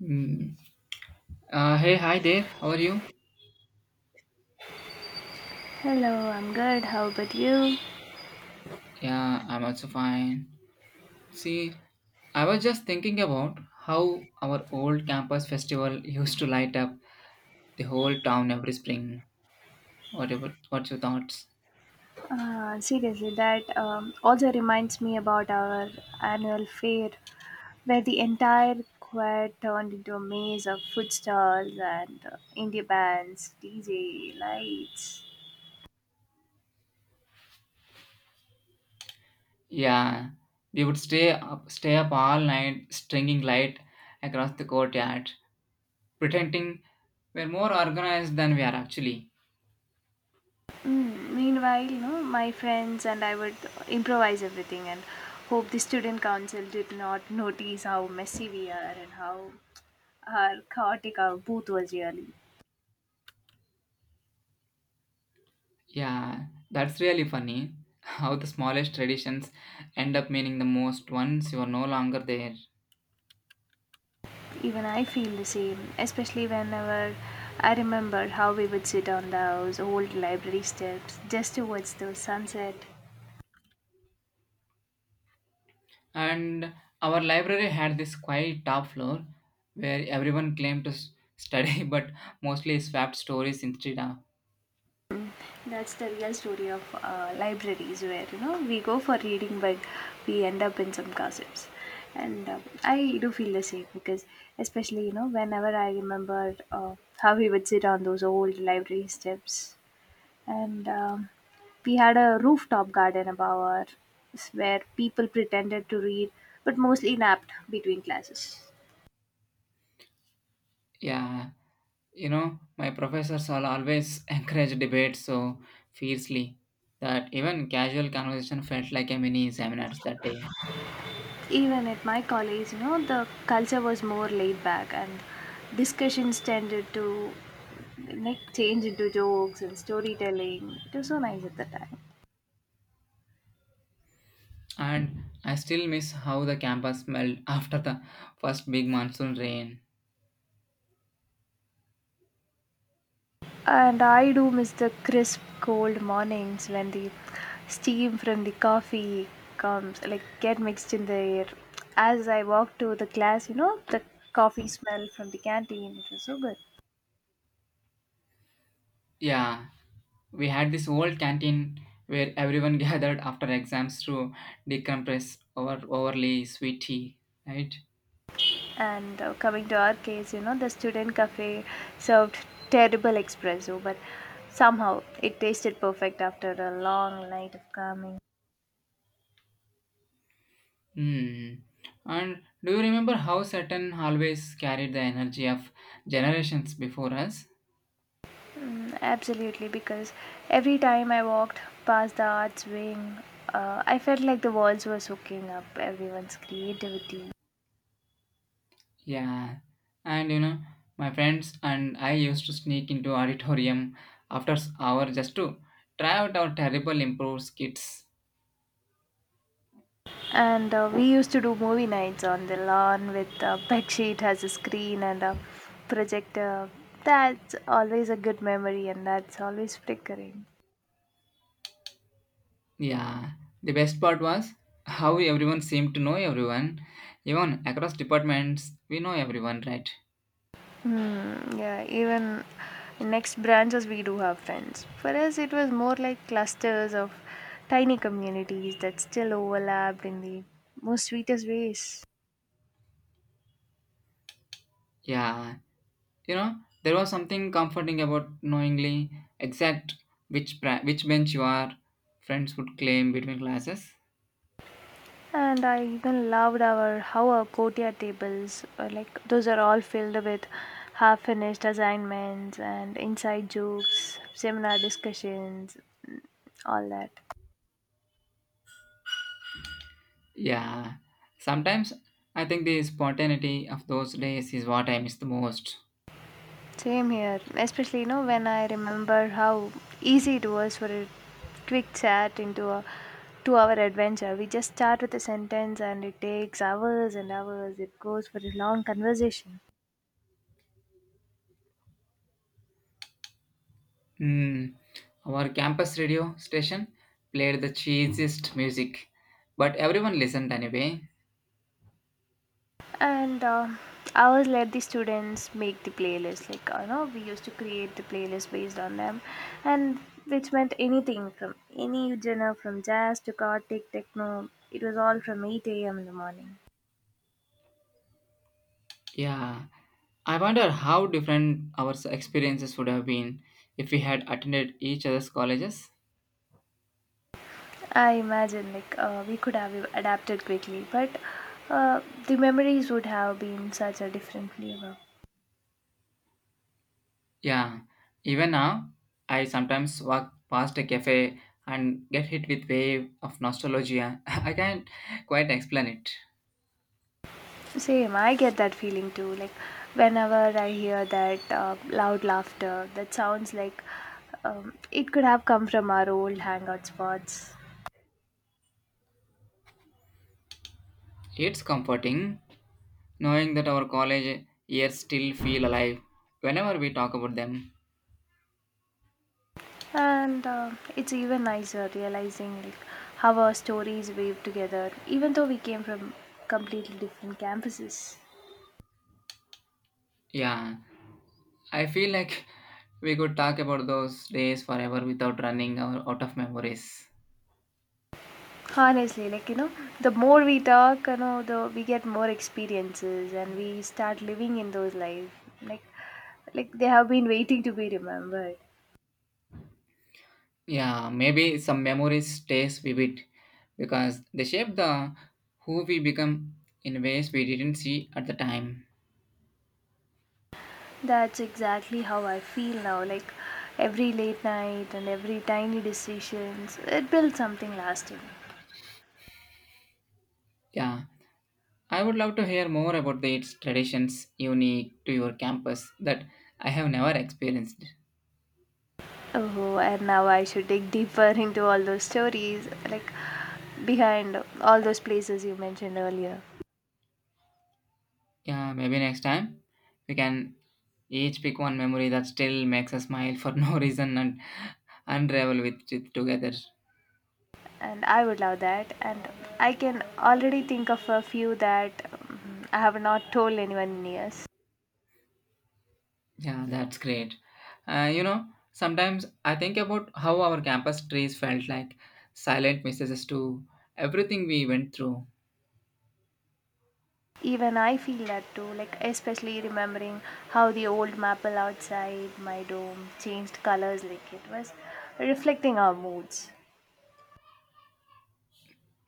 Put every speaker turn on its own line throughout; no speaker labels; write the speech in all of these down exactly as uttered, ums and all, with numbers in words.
Mm. Uh, hey, hi there. How are you?
Hello, I'm good. How about you?
Yeah, I'm also fine. See, I was just thinking about how our old campus festival used to light up the whole town every spring. What about what's your thoughts?
Uh, seriously, that um, also reminds me about our annual fair, where the entire choir turned into a maze of food stalls and uh, indie bands, D J, lights.
Yeah, we would stay up, stay up all night, stringing light across the courtyard, pretending we're more organized than we are actually.
Mm, meanwhile, you know, my friends and I would improvise everything and hope the student council did not notice how messy we are and how our chaotic our booth was really.
Yeah, that's really funny. How the smallest traditions end up meaning the most once you are no longer there.
Even I feel the same, especially whenever I remember how we would sit on those old library steps just towards the sunset.
And our library had this quiet top floor where everyone claimed to s- study but mostly swapped stories instead of.
That's the real story of uh, libraries, where you know we go for reading, but we end up in some gossips. And uh, I do feel the same because, especially you know, whenever I remember uh, how we would sit on those old library steps and um, we had a rooftop garden above ours where people pretended to read but mostly napped between classes.
Yeah, you know, my professors all always encourage debate so fiercely that even casual conversation felt like a mini seminars that day.
Even at my college, you know, the culture was more laid back and discussions tended to like change into jokes and storytelling. It was so nice at the time.
And I still miss how the campus smelled after the first big monsoon rain.
And I do miss the crisp, cold mornings when the steam from the coffee comes, like get mixed in the air. As I walked to the class, you know, the coffee smell from the canteen, it was so good.
Yeah, we had this old canteen where everyone gathered after exams to decompress over overly sweet tea, right?
And uh, coming to our case, you know, the student cafe served terrible espresso, but somehow it tasted perfect after a long night of calming.
Hmm. And do you remember how certain hallways carried the energy of generations before us?
Absolutely, because every time I walked past the arts wing, uh, I felt like the walls were soaking up everyone's creativity.
Yeah. And you know, my friends and I used to sneak into auditorium after s- hour just to try out our terrible improv skits.
And uh, we used to do movie nights on the lawn with a bed sheet as a screen and a projector. That's always a good memory, and that's always flickering.
Yeah, the best part was how everyone seemed to know everyone. Even across departments, we know everyone, right?
Hmm, yeah, even in next branches we do have friends. For us, it was more like clusters of tiny communities that still overlapped in the most sweetest ways.
Yeah, you know, there was something comforting about knowingly exact which pra- which bench you are. Friends would claim between classes.
And I even loved our how our courtyard tables were like those are all filled with half finished assignments and inside jokes, seminar discussions, all that.
Yeah, sometimes I think the spontaneity of those days is what I miss the most.
Same here. Especially, you know, when I remember how easy it was for a quick chat into a two hour adventure. We just start with a sentence and it takes hours and hours. It goes for a long conversation.
Hmm. Our campus radio station played the cheesiest music, but everyone listened anyway.
And uh, I always let the students make the playlist. Like, you know, we used to create the playlist based on them. And which meant anything from any genre, from jazz to Gothic, techno. It was all from eight a m in the morning.
Yeah, I wonder how different our experiences would have been if we had attended each other's colleges.
I imagine like uh, we could have e-, adapted quickly, but uh, the memories would have been such a different flavor.
Yeah, even now, I sometimes walk past a cafe and get hit with wave of nostalgia. I can't quite explain it.
Same, I get that feeling too. Like whenever I hear that uh, loud laughter, that sounds like um, it could have come from our old hangout spots.
It's comforting knowing that our college years still feel alive whenever we talk about them.
And uh, it's even nicer realizing like how our stories weave together, even though we came from completely different campuses.
Yeah, I feel like we could talk about those days forever without running out out of memories.
Honestly, like you know, the more we talk, you know, the we get more experiences and we start living in those lives. Like, like they have been waiting to be remembered.
Yeah, maybe some memories stays vivid because they shape the who we become in ways we didn't see at the time.
That's exactly how I feel now. Like every late night and every tiny decisions, it builds something lasting.
Yeah, I would love to hear more about the its traditions unique to your campus that I have never experienced.
Oh, and now I should dig deeper into all those stories, like behind all those places you mentioned earlier.
Yeah, maybe next time we can each pick one memory that still makes us smile for no reason and unravel with it together.
And I would love that. And I can already think of a few that um, I have not told anyone in years.
Yeah, that's great. Uh, you know, sometimes I think about how our campus trees felt like silent messages to everything we went through.
Even I feel that too, like especially remembering how the old maple outside my dome changed colors, like it was reflecting our moods.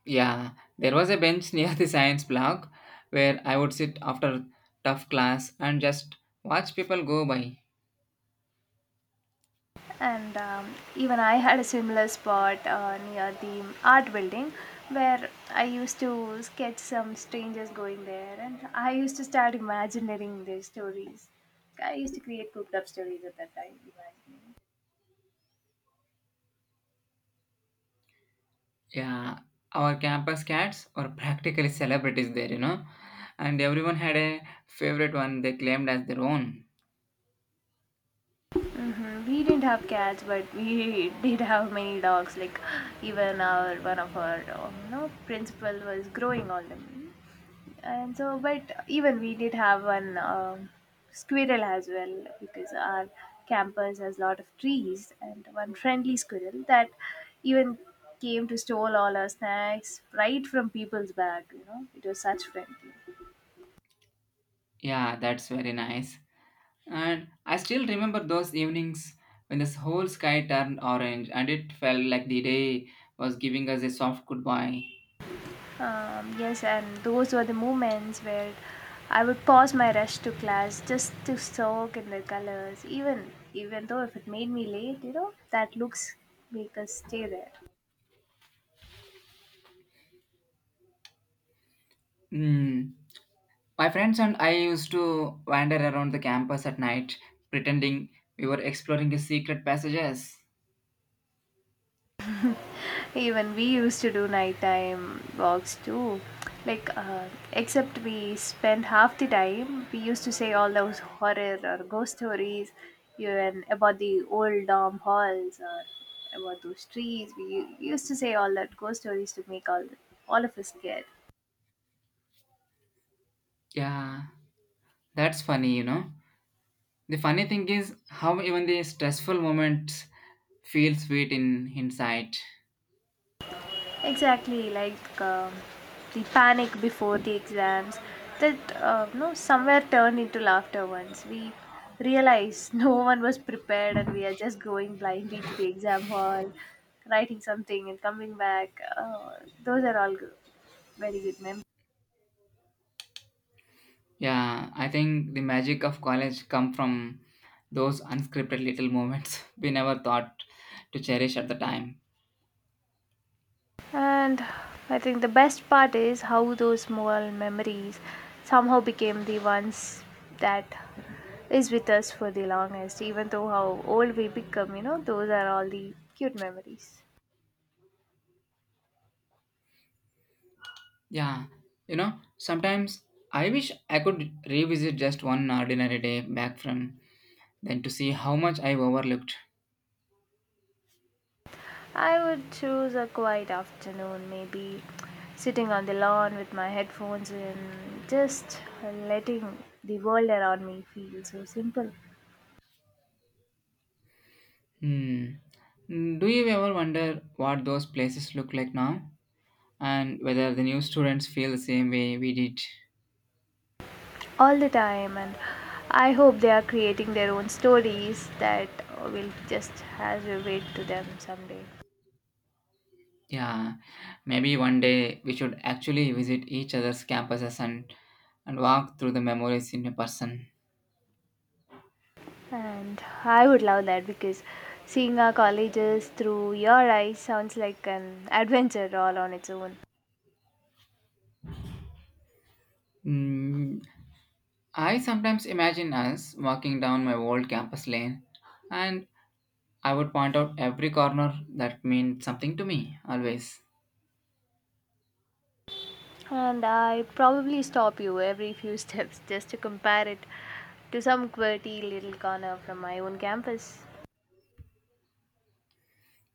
Yeah, there was a bench near the science block where I would sit after tough class and just watch people go by.
And um, even I had a similar spot uh, near the art building where I used to sketch some strangers going there, and I used to start imagining their stories. I used to create cooked up stories at that time, imagining.
Yeah, our campus cats were practically celebrities there, you know, and everyone had a favorite one they claimed as their own.
Hmm, we didn't have cats, but we did have many dogs. Like even our one of our uh, you know principal was growing all them, and so but even we did have one um squirrel as well because our campus has a lot of trees and one friendly squirrel that even came to stole all our snacks right from people's bag. You know, it was such friendly.
Yeah, that's very nice. And I still remember those evenings when the whole sky turned orange and it felt like the day was giving us a soft goodbye.
Um, yes, and those were the moments where I would pause my rush to class just to soak in the colors, even even though if it made me late, you know, that looks make us stay there.
Mm. My friends and I used to wander around the campus at night, pretending we were exploring the secret passages.
Even we used to do nighttime walks too. Like, uh, except we spend half the time, we used to say all those horror or ghost stories even about the old dorm halls or about those trees. We u- used to say all that ghost stories to make all, all of us scared.
Yeah, that's funny, you know. The funny thing is how even the stressful moments feel sweet in hindsight.
Exactly like um, the panic before the exams that uh, no somewhere turned into laughter once we realized no one was prepared and we are just going blindly to the exam hall writing something and coming back uh, those are all go- very good memories.
Yeah, I think the magic of college come from those unscripted little moments we never thought to cherish at the time.
And I think the best part is how those small memories somehow became the ones that is with us for the longest. Even though how old we become, you know, those are all the cute memories.
Yeah, you know, sometimes I wish I could revisit just one ordinary day back from then to see how much I overlooked.
I would choose a quiet afternoon, maybe sitting on the lawn with my headphones and just letting the world around me feel so simple.
Hmm. Do you ever wonder what those places look like now and whether the new students feel the same way we did?
All the time, and I hope they are creating their own stories that will just has a weight to them someday.
Yeah, maybe one day we should actually visit each other's campuses and and walk through the memories in person.
And I would love that because seeing our colleges through your eyes sounds like an adventure all on its own.
Mm, I sometimes imagine us walking down my old campus lane, and I would point out every corner that meant something to me always.
And I probably stop you every few steps just to compare it to some quirky little corner from my own campus.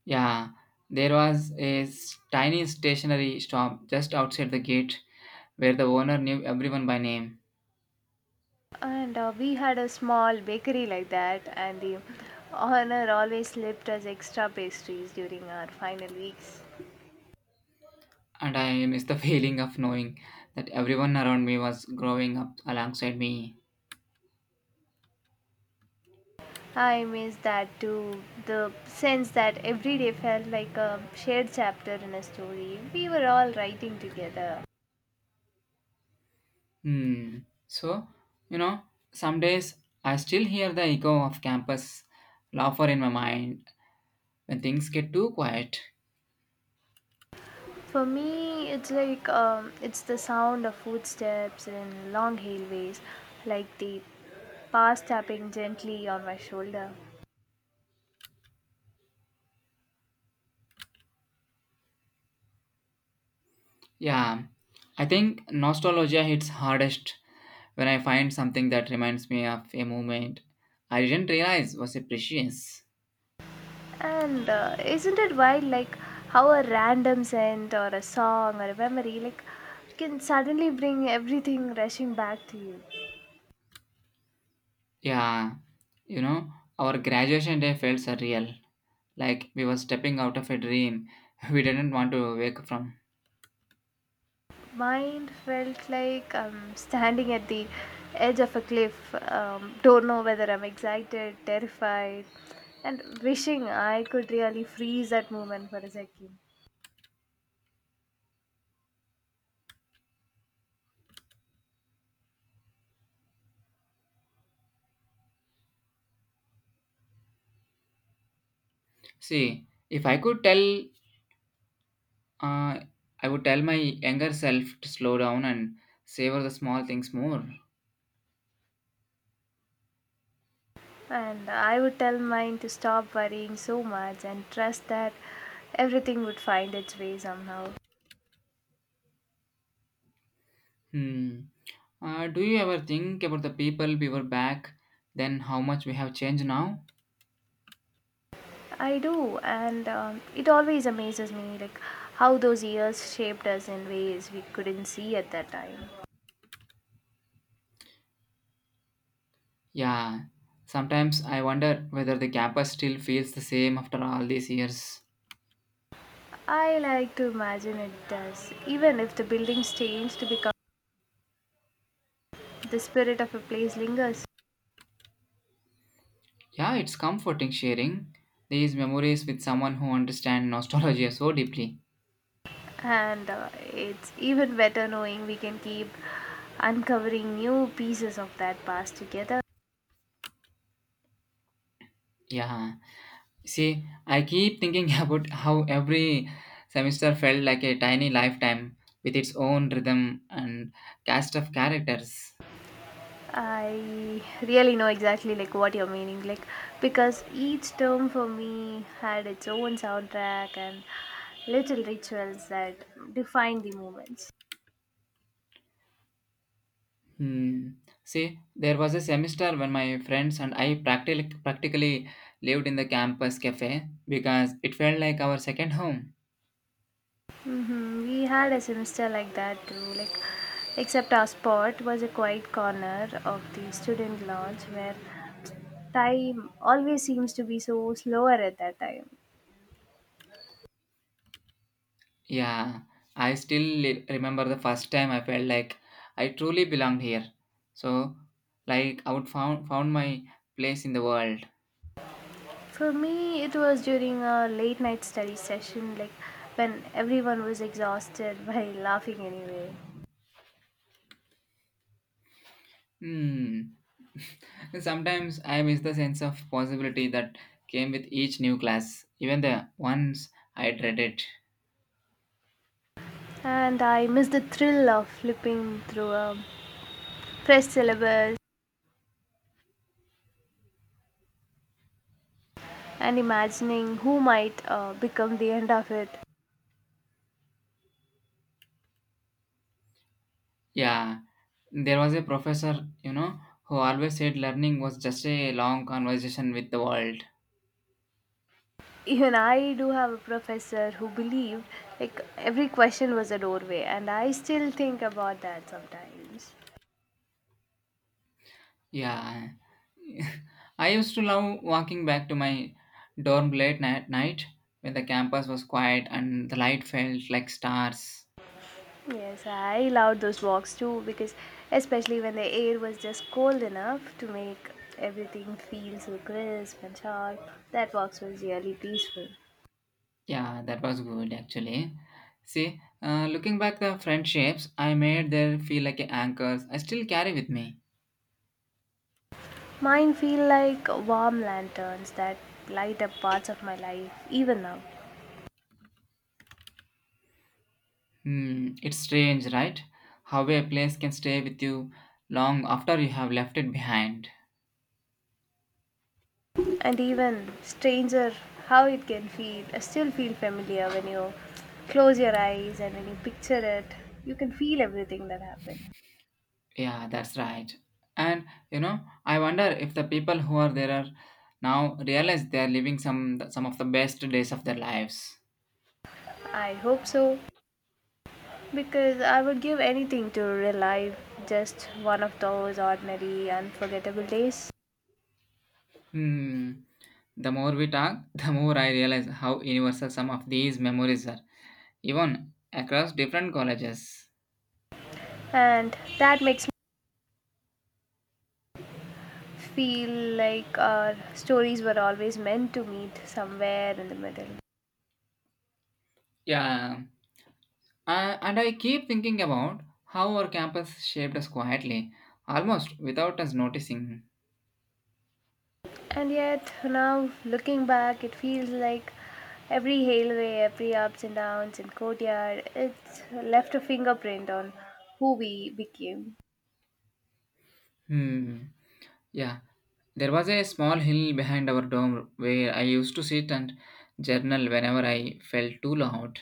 Yeah, there was a s- tiny stationery shop just outside the gate where the owner knew everyone by name,
And uh, we had a small bakery like that, and the owner always left us extra pastries during our final weeks.
and I miss the feeling of knowing that everyone around me was growing up alongside me.
I miss that too. The sense that every day felt like a shared chapter in a story. We were all writing together.
Hmm. So, you know, some days I still hear the echo of campus laughter in my mind when things get too quiet.
For me, it's like um, it's the sound of footsteps in long hallways, like the past tapping gently on my shoulder.
Yeah, I think nostalgia hits hardest when I find something that reminds me of a moment I didn't realize was a precious.
And uh, isn't it wild, like how a random scent or a song or a memory, like, can suddenly bring everything rushing back to you?
Yeah, you know, our graduation day felt surreal, like we were stepping out of a dream we didn't want to wake from.
Mine felt like I'm standing at the edge of a cliff. Um, don't know whether I'm excited, terrified, and wishing I could really freeze that moment for a second.
See, if I could tell Uh, I would tell my younger self to slow down and savor the small things more.
And I would tell mine to stop worrying so much and trust that everything would find its way somehow.
Hmm. Uh, do you ever think about the people we were back then, how much we have changed now?
I do, and um, it always amazes me, like how those years shaped us in ways we couldn't see at that time.
Yeah, sometimes I wonder whether the campus still feels the same after all these years.
I like to imagine it does, even if the buildings change to become the spirit of a place lingers.
Yeah, it's comforting sharing these memories with someone who understands nostalgia so deeply.
And uh, it's even better knowing we can keep uncovering new pieces of that past together.
Yeah. See, I keep thinking about how every semester felt like a tiny lifetime with its own rhythm and cast of characters.
I really know exactly like what you're meaning like because each term for me had its own soundtrack and little rituals that defined the moments.
Hmm. See, there was a semester when my friends and I practically, practically lived in the campus cafe because it felt like our second home.
Hmm, we had a semester like that too, like except our spot was a quiet corner of the student lounge where time always seems to be so slower at that time.
Yeah, I still li- remember the first time I felt like I truly belonged here. So, like, I would found found my place in the world.
For me, it was during a late night study session, like when everyone was exhausted by laughing anyway.
Hmm. Sometimes I miss the sense of possibility that came with each new class, even the ones I dreaded.
And I missed the thrill of flipping through a fresh syllabus and imagining who might uh, become the end of it.
Yeah, there was a professor, you know, who always said learning was just a long conversation with the world.
Even I do have a professor who believed like every question was a doorway, and I still think about that sometimes.
Yeah, I used to love walking back to my dorm late at night when the campus was quiet and the light felt like stars.
Yes, I loved those walks too because especially when the air was just cold enough to make everything feel so crisp and sharp, that walks was really peaceful.
Yeah, that was good actually. See, uh, looking back the friendships I made there feel like anchors I still carry with me.
Mine feel like warm lanterns that light up parts of my life even now.
Hmm, it's strange, right? How a place can stay with you long after you have left it behind.
And even stranger how it can feel uh, still feel familiar when you close your eyes and when you picture it, you can feel everything that happened.
Yeah, that's right. And you know, I wonder if the people who are there are now realize they are living some some of the best days of their lives.
I hope so, because I would give anything to relive just one of those ordinary, unforgettable days.
Hmm. The more we talk, the more I realize how universal some of these memories are, even across different colleges.
And that makes me feel like our stories were always meant to meet somewhere in the middle.
Yeah, uh, and I keep thinking about how our campus shaped us quietly, almost without us noticing.
And yet, now looking back, it feels like every hailway, every ups and downs in Courtyard, it's left a fingerprint on who we became.
Hmm, yeah. There was a small hill behind our dorm where I used to sit and journal whenever I felt too loud.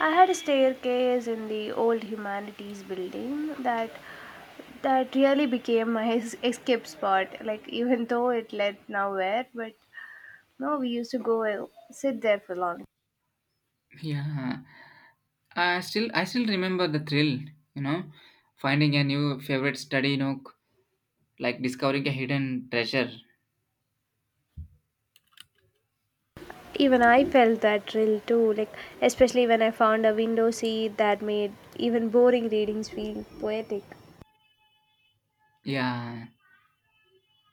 I had a staircase in the old humanities building that that really became my es- escape spot. Like even though it led nowhere, but no, we used to go and sit there for long.
Yeah. I still I still remember the thrill, you know, finding a new favorite study nook, like discovering a hidden treasure.
Even I felt that thrill too, like especially when I found a window seat that made even boring readings feel poetic.
Yeah.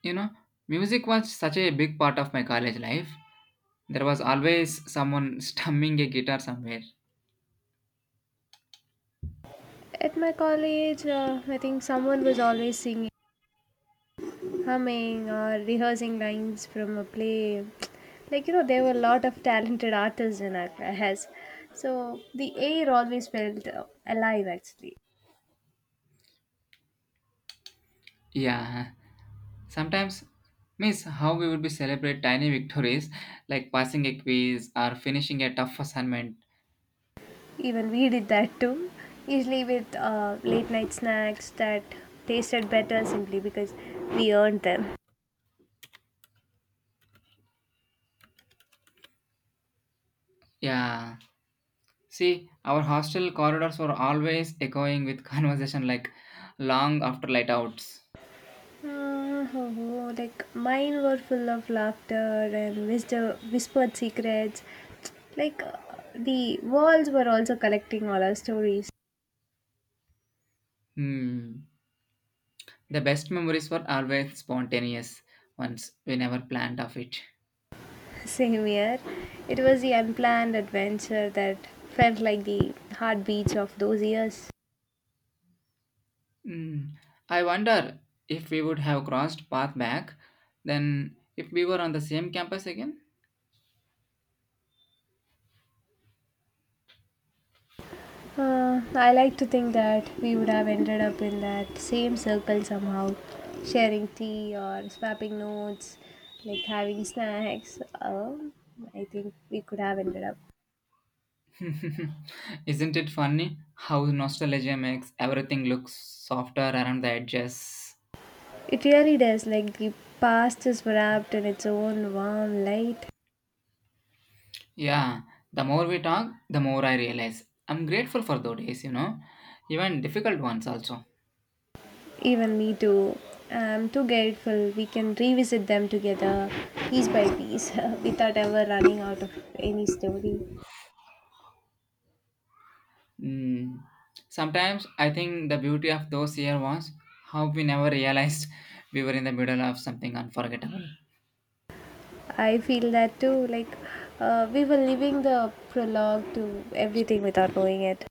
You know, music was such a big part of my college life. There was always someone strumming a guitar somewhere.
At my college, uh, I think someone was always singing, humming, or rehearsing lines from a play. Like, you know, there were a lot of talented artists in our class. So the air always felt uh, alive actually.
Yeah, sometimes, miss, how we would be celebrate tiny victories like passing a quiz or finishing a tough assignment.
Even we did that too. Usually with uh, late night snacks that tasted better simply because we earned them.
Yeah, see, our hostel corridors were always echoing with conversation like long after light outs.
Mm, like mine were full of laughter and whisper, whispered secrets. Like uh, the walls were also collecting all our stories.
Hmm, the best memories were always spontaneous ones. We never planned of it.
Same here. It was the unplanned adventure that felt like the heartbeats of those years.
Mm, I wonder if we would have crossed path back then if we were on the same campus again.
Uh, I like to think that we would have ended up in that same circle somehow, sharing tea or swapping notes, like having snacks. Um, I think we could have ended up.
Isn't it funny how nostalgia makes everything look softer around the edges?
It really does, like the past is wrapped in its own warm light.
Yeah, the more we talk, the more I realize, I'm grateful for those days, you know, even difficult ones also.
Even me too. I'm too grateful we can revisit them together, piece by piece, without ever running out of any story.
Mm. Sometimes I think the beauty of those years was how we never realized we were in the middle of something unforgettable.
I feel that too. Like, uh, we were leaving the prologue to everything without knowing it.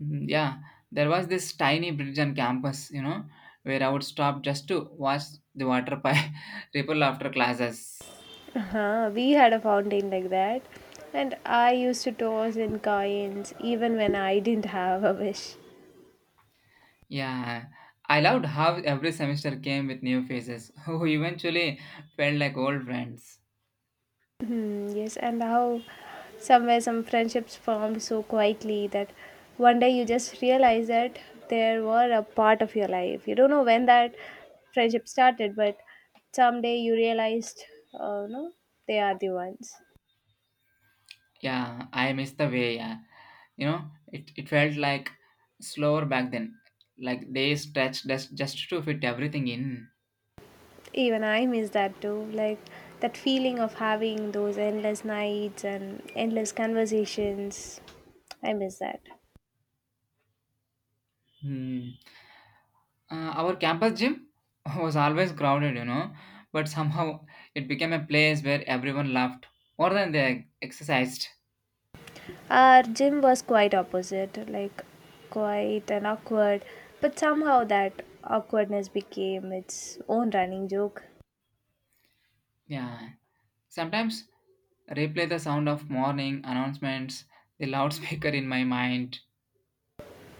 Mhm. Yeah, there was this tiny bridge on campus, you know, where I would stop just to watch the water pipe ripple after classes.
Uh-huh. We had a fountain like that, and I used to toss in coins even when I didn't have a wish.
Yeah, I loved how every semester came with new faces who eventually felt like old friends.
Hmm, yes, and how somewhere some friendships formed so quietly that one day you just realize that they were a part of your life. You don't know when that friendship started, but someday you realized, oh no, they are the ones.
Yeah, I miss the way, yeah. You know, it, it felt like slower back then, like days stretched just, just to fit everything in.
Even I miss that too. Like that feeling of having those endless nights and endless conversations. I miss that.
Hmm. Uh, our campus gym was always crowded, you know, but somehow it became a place where everyone laughed more than they exercised.
Our gym was quite opposite, like quiet and awkward, but somehow that awkwardness became its own running joke.
Yeah. Sometimes replay the sound of morning announcements, the loudspeaker in my mind.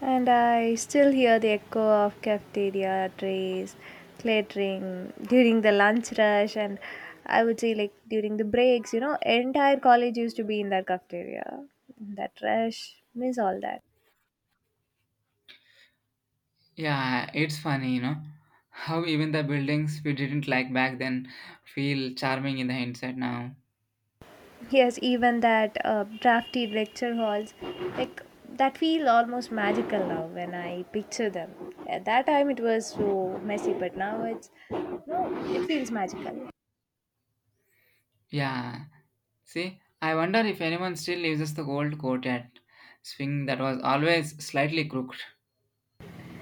And I still hear the echo of cafeteria trays clattering during the lunch rush, and I would say like during the breaks, you know, entire college used to be in that cafeteria. That rush, miss all that.
Yeah, it's funny, you know, how even the buildings we didn't like back then feel charming in the hindsight now.
Yes, even that uh, drafty lecture halls, like that feel almost magical now when I picture them. At that time it was so messy, but now it's no, it feels magical.
Yeah. See, I wonder if anyone still uses the old quartet swing that was always slightly crooked.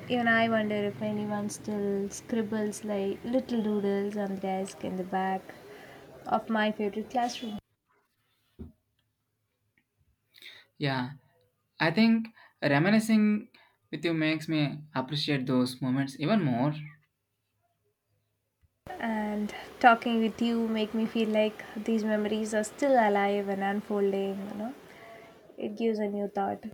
Even I wonder if anyone still scribbles like little doodles on the desk in the back of my favorite classroom.
Yeah. I think reminiscing with you makes me appreciate those moments even more.
And talking with you make me feel like these memories are still alive and unfolding, you know. It gives a new thought.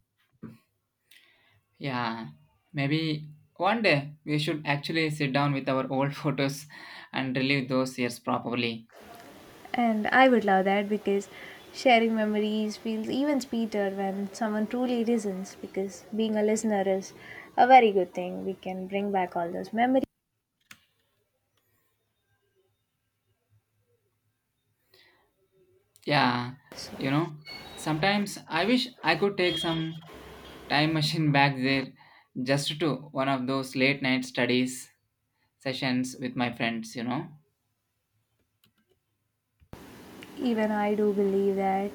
Yeah. Maybe one day we should actually sit down with our old photos and relive those years properly.
And I would love that because sharing memories feels even sweeter when someone truly listens, because being a listener is a very good thing. We can bring back all those memories.
Yeah. You
So
know, sometimes I wish I could take some time machine back there just to one of those late night studies sessions with my friends, you know.
even I do believe that.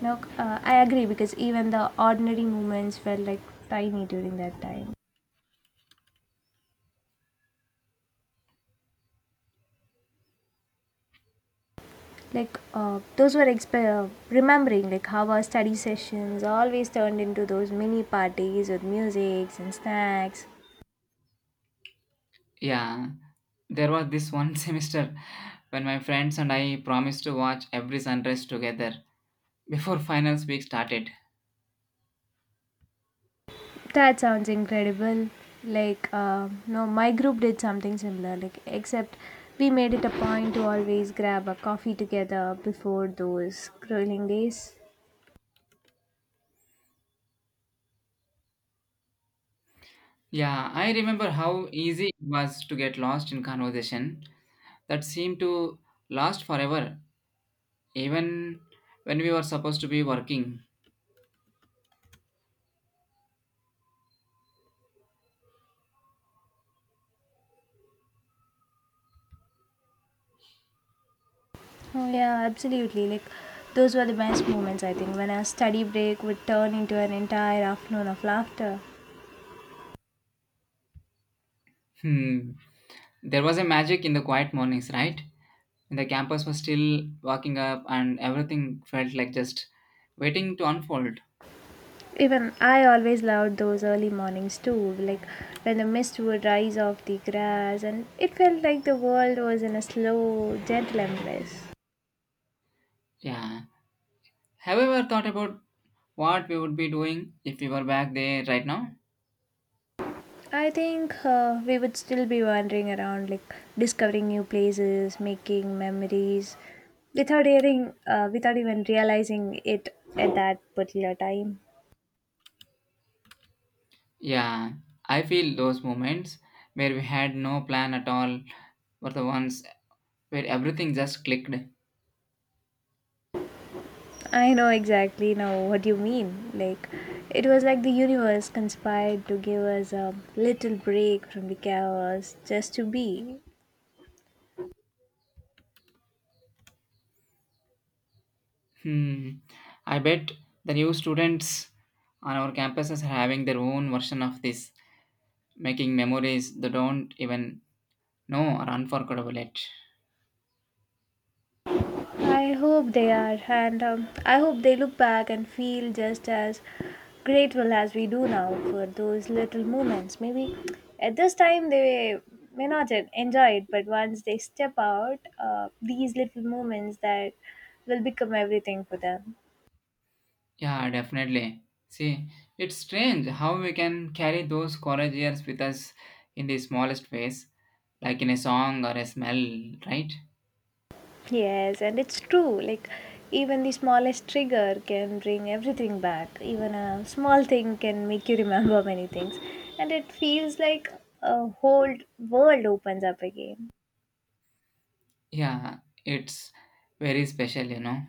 No, uh, I agree because even the ordinary moments were like tiny during that time. Like uh, those were exp- uh, remembering like how our study sessions always turned into those mini parties with musics and snacks.
Yeah, there was this one semester when my friends and I promised to watch every sunrise together before finals week started.
That sounds incredible. Like uh, no, my group did something similar. Like except we made it a point to always grab a coffee together before those grueling days.
Yeah, I remember how easy it was to get lost in conversation that seemed to last forever, even when we were supposed to be working.
Oh yeah, absolutely. Like those were the best moments I think, when a study break would turn into an entire afternoon of laughter.
Hmm. There was a magic in the quiet mornings, right? When the campus was still waking up and everything felt like just waiting to unfold.
Even I always loved those early mornings too, like when the mist would rise off the grass and it felt like the world was in a slow, gentle embrace.
Yeah. Have you ever thought about what we would be doing if we were back there right now?
I think uh, we would still be wandering around, like discovering new places, making memories, without hearing, uh, without even realizing it at that particular time.
Yeah, I feel those moments where we had no plan at all were the ones where everything just clicked.
I know exactly now what you mean. Like, it was like the universe conspired to give us a little break from the chaos just to be.
Hmm. I bet the new students on our campuses are having their own version of this, making memories they don't even know are unforgettable yet.
I hope they are, and um, I hope they look back and feel just as grateful as we do now for those little moments. Maybe at this time they may not en- enjoy it, but once they step out, uh, these little moments that will become everything for them.
Yeah, definitely. See, it's strange how we can carry those college years with us in the smallest ways, like in a song or a smell, right?
Yes, and it's true. Like, even the smallest trigger can bring everything back. Even a small thing can make you remember many things. And it feels like a whole world opens up again.
Yeah, it's very special, you know.